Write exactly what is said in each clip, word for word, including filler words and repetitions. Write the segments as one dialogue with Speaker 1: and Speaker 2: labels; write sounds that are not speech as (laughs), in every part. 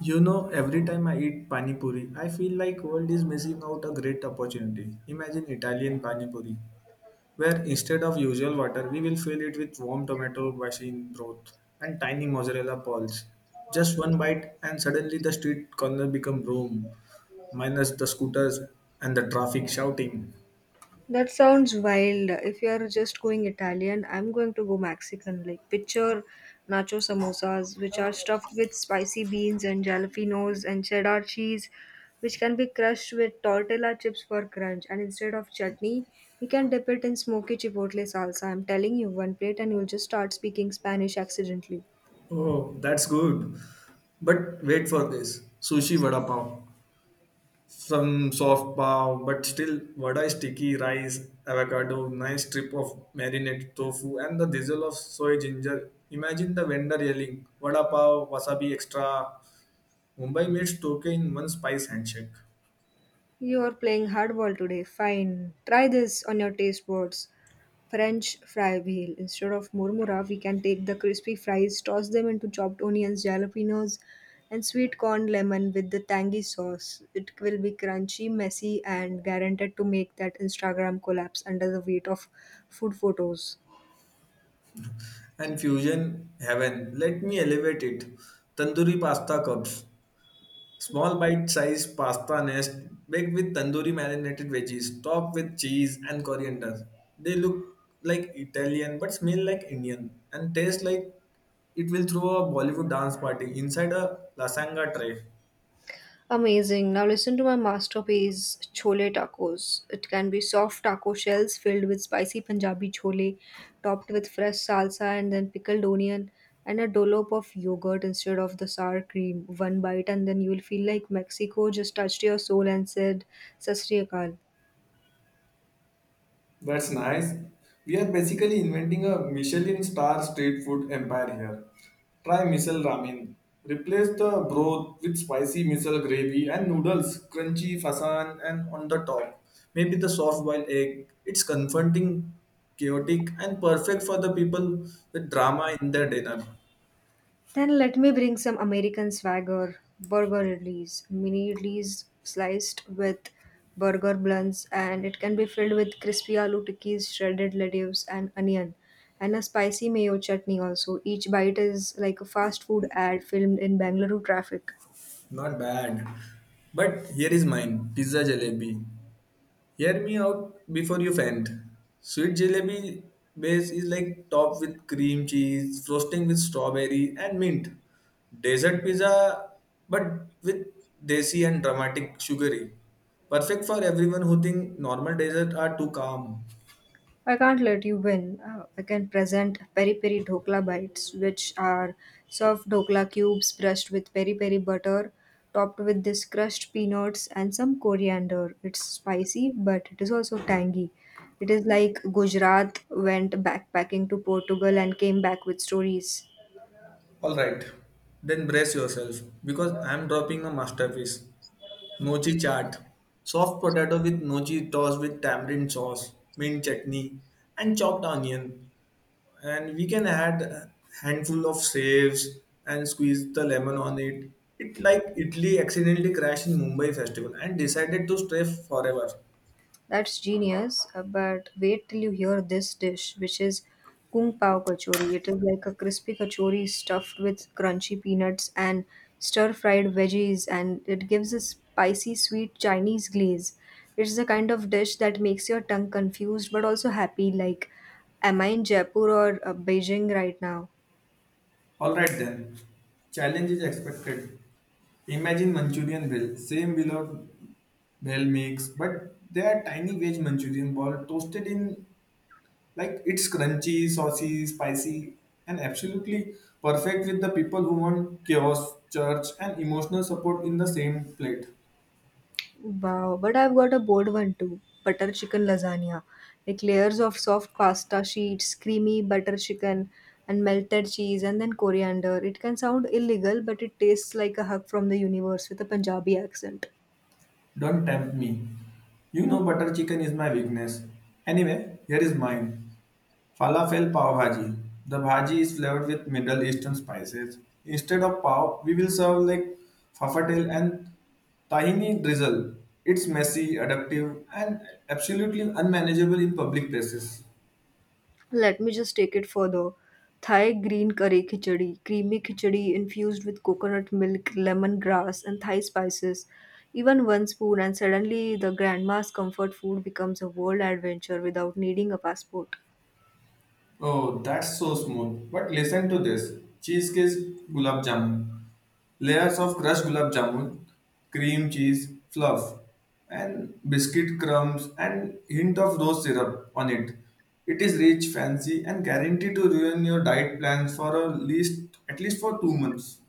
Speaker 1: You know, every time I eat pani puri, I feel like world is missing out a great opportunity. Imagine Italian pani puri, where instead of usual water, we will fill it with warm tomato basin broth and tiny mozzarella balls. Just one bite, and suddenly the street corner become room, minus the scooters and the traffic shouting.
Speaker 2: That sounds wild. If you are just going Italian, I'm going to go Mexican. Like picture nacho samosas, which are stuffed with spicy beans and jalapenos and cheddar cheese, which can be crushed with tortilla chips for crunch. And instead of chutney, we can dip it in smoky chipotle salsa. I'm telling you, one plate and you'll just start speaking Spanish accidentally.
Speaker 1: Oh, that's good. But wait for this sushi vada pav. Some soft pav, but still vada is sticky rice, avocado, nice strip of marinated tofu, and the drizzle of soy ginger. Imagine the vendor yelling, vada pav, wasabi extra. Mumbai meets Tokyo in one spice handshake.
Speaker 2: You are playing hardball today. Fine. Try this on your taste buds. French fry wheel. Instead of murmura, we can take the crispy fries, toss them into chopped onions, jalapenos, and sweet corn lemon with the tangy sauce. It will be crunchy, messy, and guaranteed to make that Instagram collapse under the weight of food photos.
Speaker 1: And fusion heaven, let me elevate it. Tandoori pasta cups. Small bite-sized pasta nest baked with tandoori marinated veggies, topped with cheese and coriander. They look like Italian but smell like Indian and taste like it will throw a Bollywood dance party inside a lasagna tray.
Speaker 2: Amazing. Now listen to my masterpiece, Chole Tacos. It can be soft taco shells filled with spicy Punjabi chole, topped with fresh salsa and then pickled onion and a dollop of yogurt instead of the sour cream. One bite and then you will feel like Mexico just touched your soul and said, Sasri Akal.
Speaker 1: That's nice. We are basically inventing a Michelin star street food empire here. Try misal ramen. Replace the broth with spicy misal gravy and noodles, crunchy fasan and on the top. Maybe the soft boiled egg. It's confronting, chaotic, and perfect for the people with drama in their dinner.
Speaker 2: Then let me bring some American swagger, burger idlis, mini idlis sliced with burger blunts, and it can be filled with crispy aloo tikkis, shredded lettuce, and onion, and a spicy mayo chutney also. Each bite is like a fast food ad filmed in Bangalore traffic.
Speaker 1: Not bad. But here is mine pizza jalebi. Hear me out before you faint. Sweet jalebi base is like topped with cream cheese, frosting with strawberry and mint. Desert pizza, but with desi and dramatic sugary. Perfect for everyone who think normal desserts are too calm.
Speaker 2: I can't let you win. Uh, I can present peri peri dhokla bites, which are soft dhokla cubes brushed with peri peri butter, topped with this crushed peanuts and some coriander. It's spicy, but it is also tangy. It is like Gujarat went backpacking to Portugal and came back with stories.
Speaker 1: All right, then brace yourself because I am dropping a masterpiece. Mochi chaat, soft potato with mochi tossed with tamarind sauce, mint chutney, and chopped onion. And we can add a handful of saves and squeeze the lemon on it. It like Italy accidentally crashed in Mumbai festival and decided to stay forever.
Speaker 2: That's genius, uh, but wait till you hear this dish, which is kung pao kachori. It is like a crispy kachori stuffed with crunchy peanuts and stir-fried veggies, and it gives a spicy, sweet Chinese glaze. It's the kind of dish that makes your tongue confused but also happy, like, am I in Jaipur or uh, Beijing right now?
Speaker 1: All right then, challenge is expected. Imagine Manchurian bell, same below bell makes, but they are tiny veg Manchurian ball toasted in. Like it's crunchy, saucy, spicy, and absolutely perfect with the people who want chaos, church, and emotional support in the same plate.
Speaker 2: Wow, but I've got a bold one too. Butter chicken lasagna. Like layers of soft pasta sheets, creamy butter chicken, and melted cheese, and then coriander. It can sound illegal, but it tastes like a hug from the universe with a Punjabi accent.
Speaker 1: Don't tempt me. You know butter chicken is my weakness. Anyway, here is mine. Falafel pav bhaji. The bhaji is flavored with Middle Eastern spices. Instead of pav, we will serve like fafatel and tahini drizzle. It's messy, adaptive, and absolutely unmanageable in public places.
Speaker 2: Let me just take it further. Thai green curry khichdi, creamy khichdi infused with coconut milk, lemongrass, and Thai spices. Even one spoon, and suddenly the grandma's comfort food becomes a world adventure without needing a passport.
Speaker 1: Oh, that's so smooth. But listen to this. Cheesecake gulab jamun. Layers of crushed gulab jamun, cream cheese, fluff, and biscuit crumbs and hint of rose syrup on it. It is rich, fancy, and guaranteed to ruin your diet plans for at least at least for two months.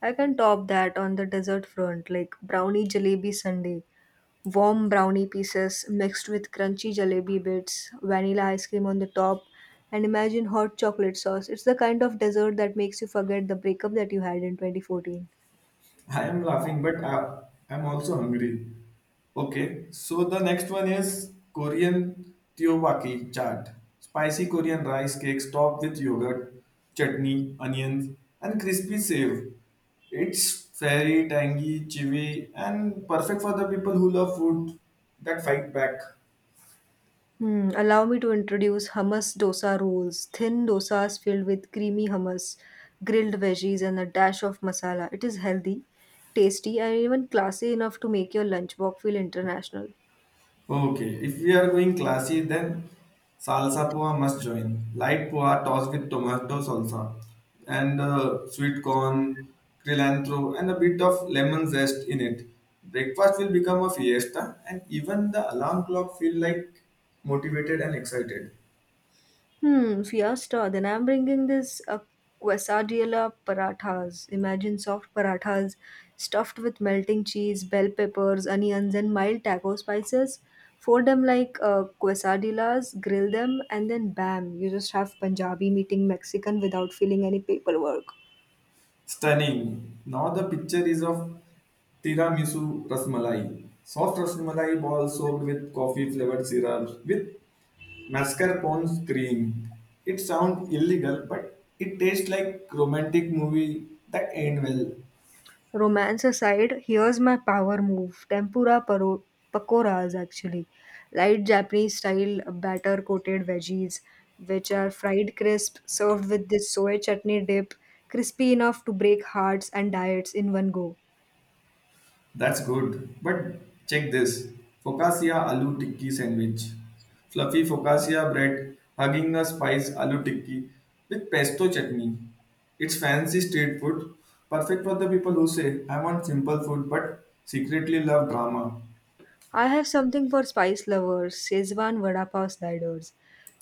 Speaker 2: I can top that on the dessert front, like brownie jalebi sundae, warm brownie pieces mixed with crunchy jalebi bits, vanilla ice cream on the top, and imagine hot chocolate sauce. It's the kind of dessert that makes you forget the breakup that you had in twenty fourteen.
Speaker 1: I am laughing, but I, I'm also hungry. Okay, so the next one is Korean Teowaki chaat. Spicy Korean rice cakes topped with yogurt, chutney, onions, and crispy save. It's very tangy, chewy, and perfect for the people who love food that fight back.
Speaker 2: Hmm, allow me to introduce hummus dosa rolls, thin dosas filled with creamy hummus, grilled veggies, and a dash of masala. It is healthy, tasty, and even classy enough to make your lunchbox feel international.
Speaker 1: Okay, if we are going classy, then salsa poa must join. Light poa tossed with tomato salsa and uh, sweet corn, cilantro, and a bit of lemon zest in it. Breakfast will become a fiesta, and even the alarm clock feel like motivated and excited.
Speaker 2: Hmm, fiesta. Then I'm bringing this uh, quesadilla parathas. Imagine soft parathas stuffed with melting cheese, bell peppers, onions, and mild taco spices. Fold them like uh, quesadillas, grill them, and then bam, you just have Punjabi meeting Mexican without feeling any paperwork.
Speaker 1: Stunning. Now the picture is of tiramisu rasmalai, soft rasmalai ball soaked with coffee flavored syrup with Mascarpone cream. It sounds illegal, but it tastes like romantic movie that end well.
Speaker 2: Romance aside, here's my power move. Tempura paro- pakoras actually. Light Japanese style batter coated veggies, which are fried crisp, served with this soy chutney dip, crispy enough to break hearts and diets in one go.
Speaker 1: That's good. But check this. Focaccia aloo tikki sandwich. Fluffy focaccia bread hugging a spice aloo tikki with pesto chutney. It's fancy street food, perfect for the people who say, I want simple food but secretly love drama.
Speaker 2: I have something for spice lovers, Szechuan vada pav sliders.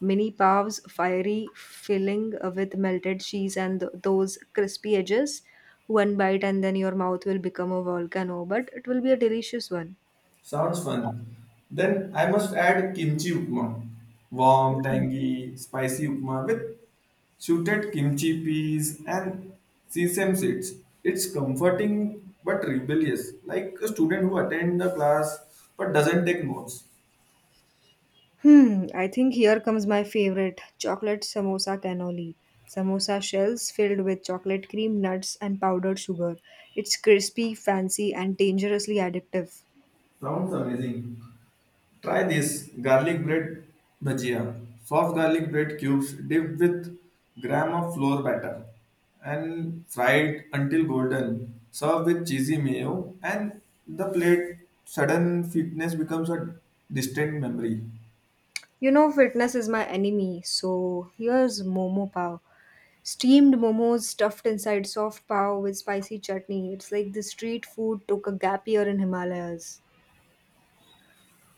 Speaker 2: Mini pavs, fiery filling uh, with melted cheese and th- those crispy edges. One bite and then your mouth will become a volcano, but it will be a delicious one.
Speaker 1: Sounds fun. Then I must add kimchi upma. Warm, tangy, spicy upma with shooted kimchi peas and sesame seeds. It's comforting but rebellious, like a student who attends the class but doesn't take notes.
Speaker 2: Hmm, I think here comes my favorite chocolate samosa cannoli. Samosa shells filled with chocolate cream, nuts, and powdered sugar. It's crispy, fancy, and dangerously addictive.
Speaker 1: Sounds amazing. Try this garlic bread bhajia. Soft garlic bread cubes dipped with gram of flour batter and fried until golden. Serve with cheesy mayo and the plate sudden fitness becomes a distant memory.
Speaker 2: You know, fitness is my enemy, so here's Momo Pav. Steamed momos stuffed inside soft pav with spicy chutney. It's like the street food took a gap year in Himalayas.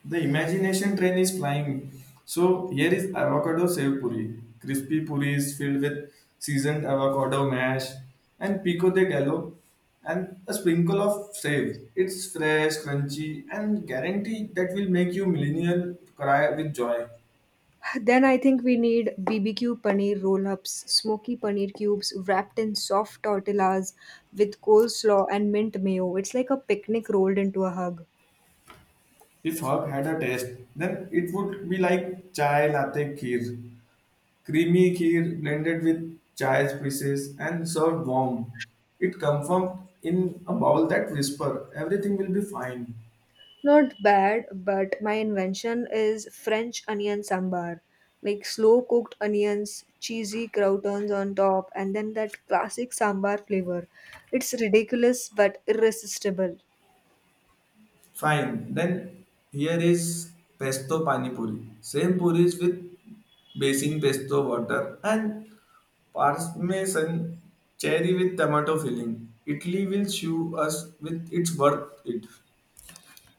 Speaker 1: The imagination train is flying. So here is avocado sev puri, crispy puris filled with seasoned avocado mash and pico de gallo and a sprinkle of save. It's fresh, crunchy, and guaranteed that will make you millennial cry with joy.
Speaker 2: Then I think we need B B Q paneer roll ups, smoky paneer cubes wrapped in soft tortillas with coleslaw and mint mayo. It's like a picnic rolled into a hug.
Speaker 1: If herb had a taste, then it would be like chai latte kheer. Creamy kheer blended with chai spices and served warm. It comforted in a bowl that whisper, everything will be fine.
Speaker 2: Not bad, but my invention is French onion sambar. Like slow cooked onions, cheesy croutons on top, and then that classic sambar flavor. It's ridiculous but irresistible.
Speaker 1: Fine. Then here is pesto pani puri. Same puris with basing pesto water and parmesan cherry with tomato filling. Italy will show us with its worth it.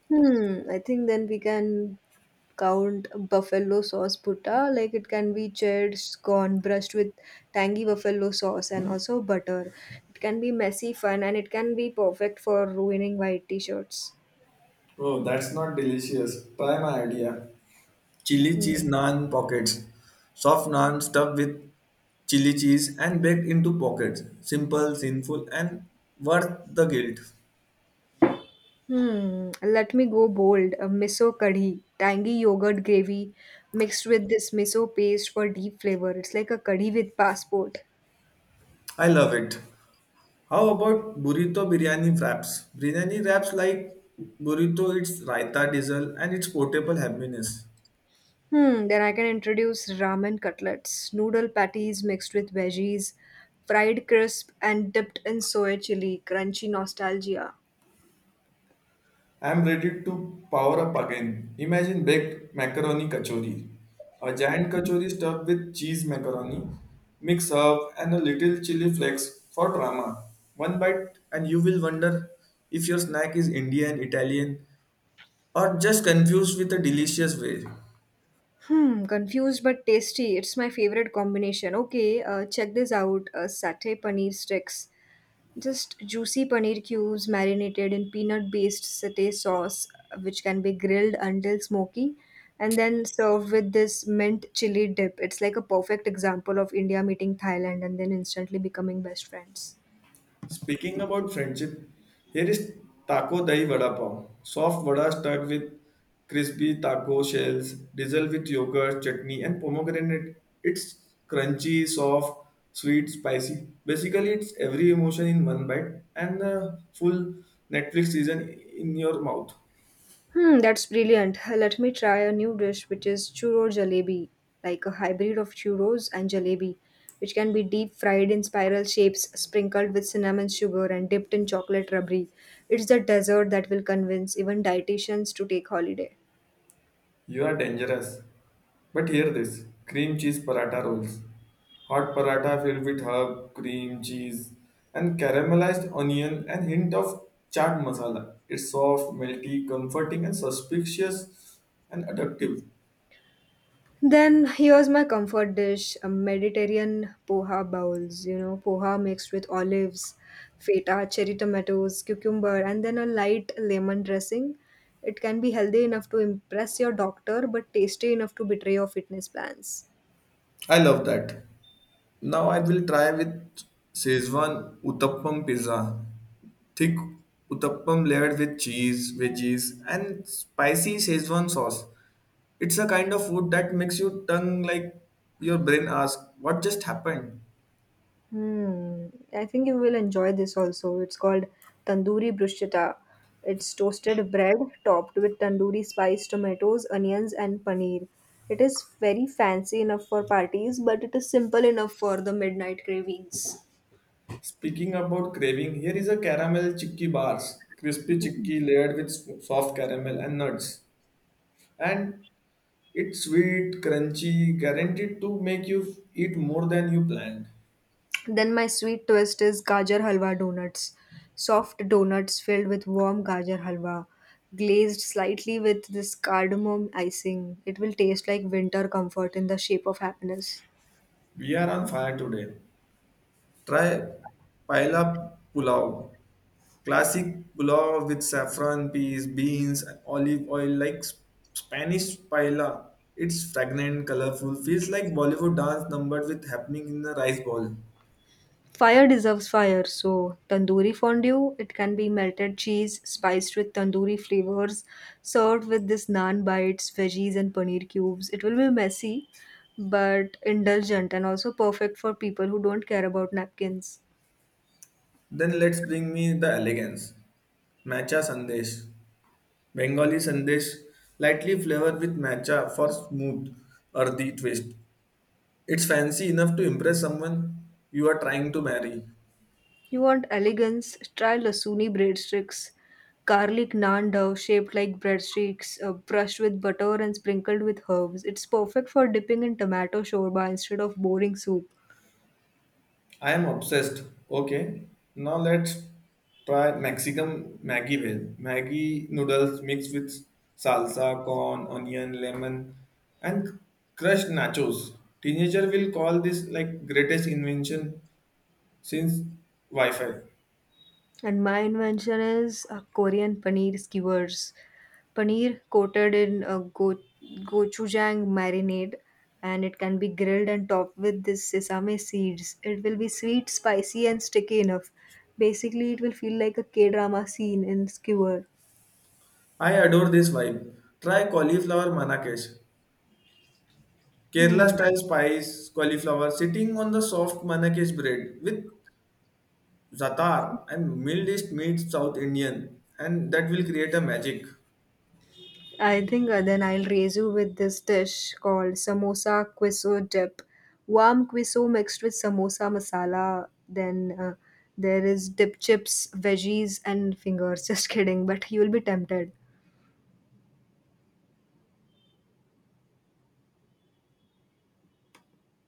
Speaker 2: Hmm, I think then we can count buffalo sauce putta. Like it can be charred scone brushed with tangy buffalo sauce and also butter. It can be messy fun and it can be perfect for ruining white t-shirts.
Speaker 1: Oh, that's not delicious. Try my idea. Chili
Speaker 2: Hmm.
Speaker 1: cheese naan pockets, soft naan stuffed with chili cheese and baked into pockets, simple sinful and worth the guilt.
Speaker 2: Hmm. Let me go bold. A miso kadhi, tangy yogurt gravy mixed with this miso paste for deep flavor. It's like a kadhi with passport.
Speaker 1: I love it. How about burrito biryani wraps? Biryani wraps like burrito, it's raita diesel and it's portable happiness.
Speaker 2: Hmm, then I can introduce ramen cutlets, noodle patties mixed with veggies, fried crisp, and dipped in soy chili. Crunchy nostalgia.
Speaker 1: I'm ready to power up again. Imagine baked macaroni kachori. A giant kachori stuffed with cheese macaroni, mix up and a little chili flakes for drama. One bite and you will wonder if your snack is Indian, Italian or just confused with a delicious way.
Speaker 2: Hmm, confused but tasty. It's my favorite combination. Okay, uh, check this out. Uh, satay paneer sticks. Just juicy paneer cubes marinated in peanut based satay sauce, which can be grilled until smoky and then served with this mint chili dip. It's like a perfect example of India meeting Thailand and then instantly becoming best friends.
Speaker 1: Speaking about friendship, here is taco dahi vada pav. Soft vada stuffed with crispy taco shells, drizzled with yogurt, chutney, and pomegranate. It's crunchy, soft, sweet, spicy. Basically, it's every emotion in one bite and the full Netflix season in your mouth.
Speaker 2: Hmm, that's brilliant. Let me try a new dish which is churro jalebi, like a hybrid of churros and jalebi, which can be deep fried in spiral shapes, sprinkled with cinnamon sugar, and dipped in chocolate rubbery. It's the dessert that will convince even dietitians to take holiday.
Speaker 1: You are dangerous. But hear this cream cheese paratha rolls. Hot paratha filled with herb, cream, cheese, and caramelized onion and hint of chaat masala. It's soft, melty, comforting, and suspicious and addictive.
Speaker 2: Then here's my comfort dish, a Mediterranean poha bowls, you know, poha mixed with olives, feta, cherry tomatoes, cucumber, and then a light lemon dressing. It can be healthy enough to impress your doctor, but tasty enough to betray your fitness plans.
Speaker 1: I love that. Now I will try with Szechuan Uttappam pizza. Thick Uttappam layered with cheese, veggies, and spicy Szechuan sauce. It's a kind of food that makes your tongue like your brain ask, what just happened?
Speaker 2: Hmm. I think you will enjoy this also. It's called tandoori bruschetta. It's toasted bread topped with tandoori spice, tomatoes, onions, and paneer. It is very fancy enough for parties, but it is simple enough for the midnight cravings.
Speaker 1: Speaking about craving, here is a caramel chicky bars, crispy chicky layered with s- soft caramel and nuts. And it's sweet, crunchy, guaranteed to make you f- eat more than you planned.
Speaker 2: Then my sweet twist is gajar halwa donuts. Soft donuts filled with warm gajar halwa, glazed slightly with this cardamom icing. It will taste like winter comfort in the shape of happiness.
Speaker 1: We are on fire today. Try paella pulao, classic pulao with saffron, peas, beans, and olive oil, like S- Spanish paella. It's fragrant, colorful, feels like Bollywood dance numbered with happening in the rice bowl.
Speaker 2: Fire deserves fire, so tandoori fondue, it can be melted cheese spiced with tandoori flavors, served with this naan bites, veggies, and paneer cubes. It will be messy, but indulgent and also perfect for people who don't care about napkins.
Speaker 1: Then let's bring me the elegance. Matcha Sandesh. Bengali Sandesh, lightly flavored with matcha for smooth, earthy twist. It's fancy enough to impress someone you are trying to marry.
Speaker 2: You want elegance? Try lasuni breadsticks, garlic naan dough shaped like breadsticks, uh, brushed with butter and sprinkled with herbs. It's perfect for dipping in tomato shorba instead of boring soup.
Speaker 1: I am obsessed. Okay, now let's try Mexican Maggie Well. Maggie noodles mixed with salsa, corn, onion, lemon, and crushed nachos. Teenager will call this like greatest invention since Wi-Fi.
Speaker 2: And my invention is uh, Korean paneer skewers. Paneer coated in a go- gochujang marinade, and it can be grilled and topped with this sesame seeds. It will be sweet, spicy, and sticky enough. Basically, it will feel like a K drama scene in skewer.
Speaker 1: I adore this vibe. Try cauliflower manakesh. Kerala
Speaker 2: Hmm.
Speaker 1: style spice cauliflower sitting on the soft manakesh bread with zatar and mildest meat South Indian and that will create a magic.
Speaker 2: I think uh, then I'll raise you with this dish called samosa quiso dip. Warm quiso mixed with samosa masala. Then uh, there is dip chips, veggies, and fingers. (laughs) Just kidding, but you'll be tempted.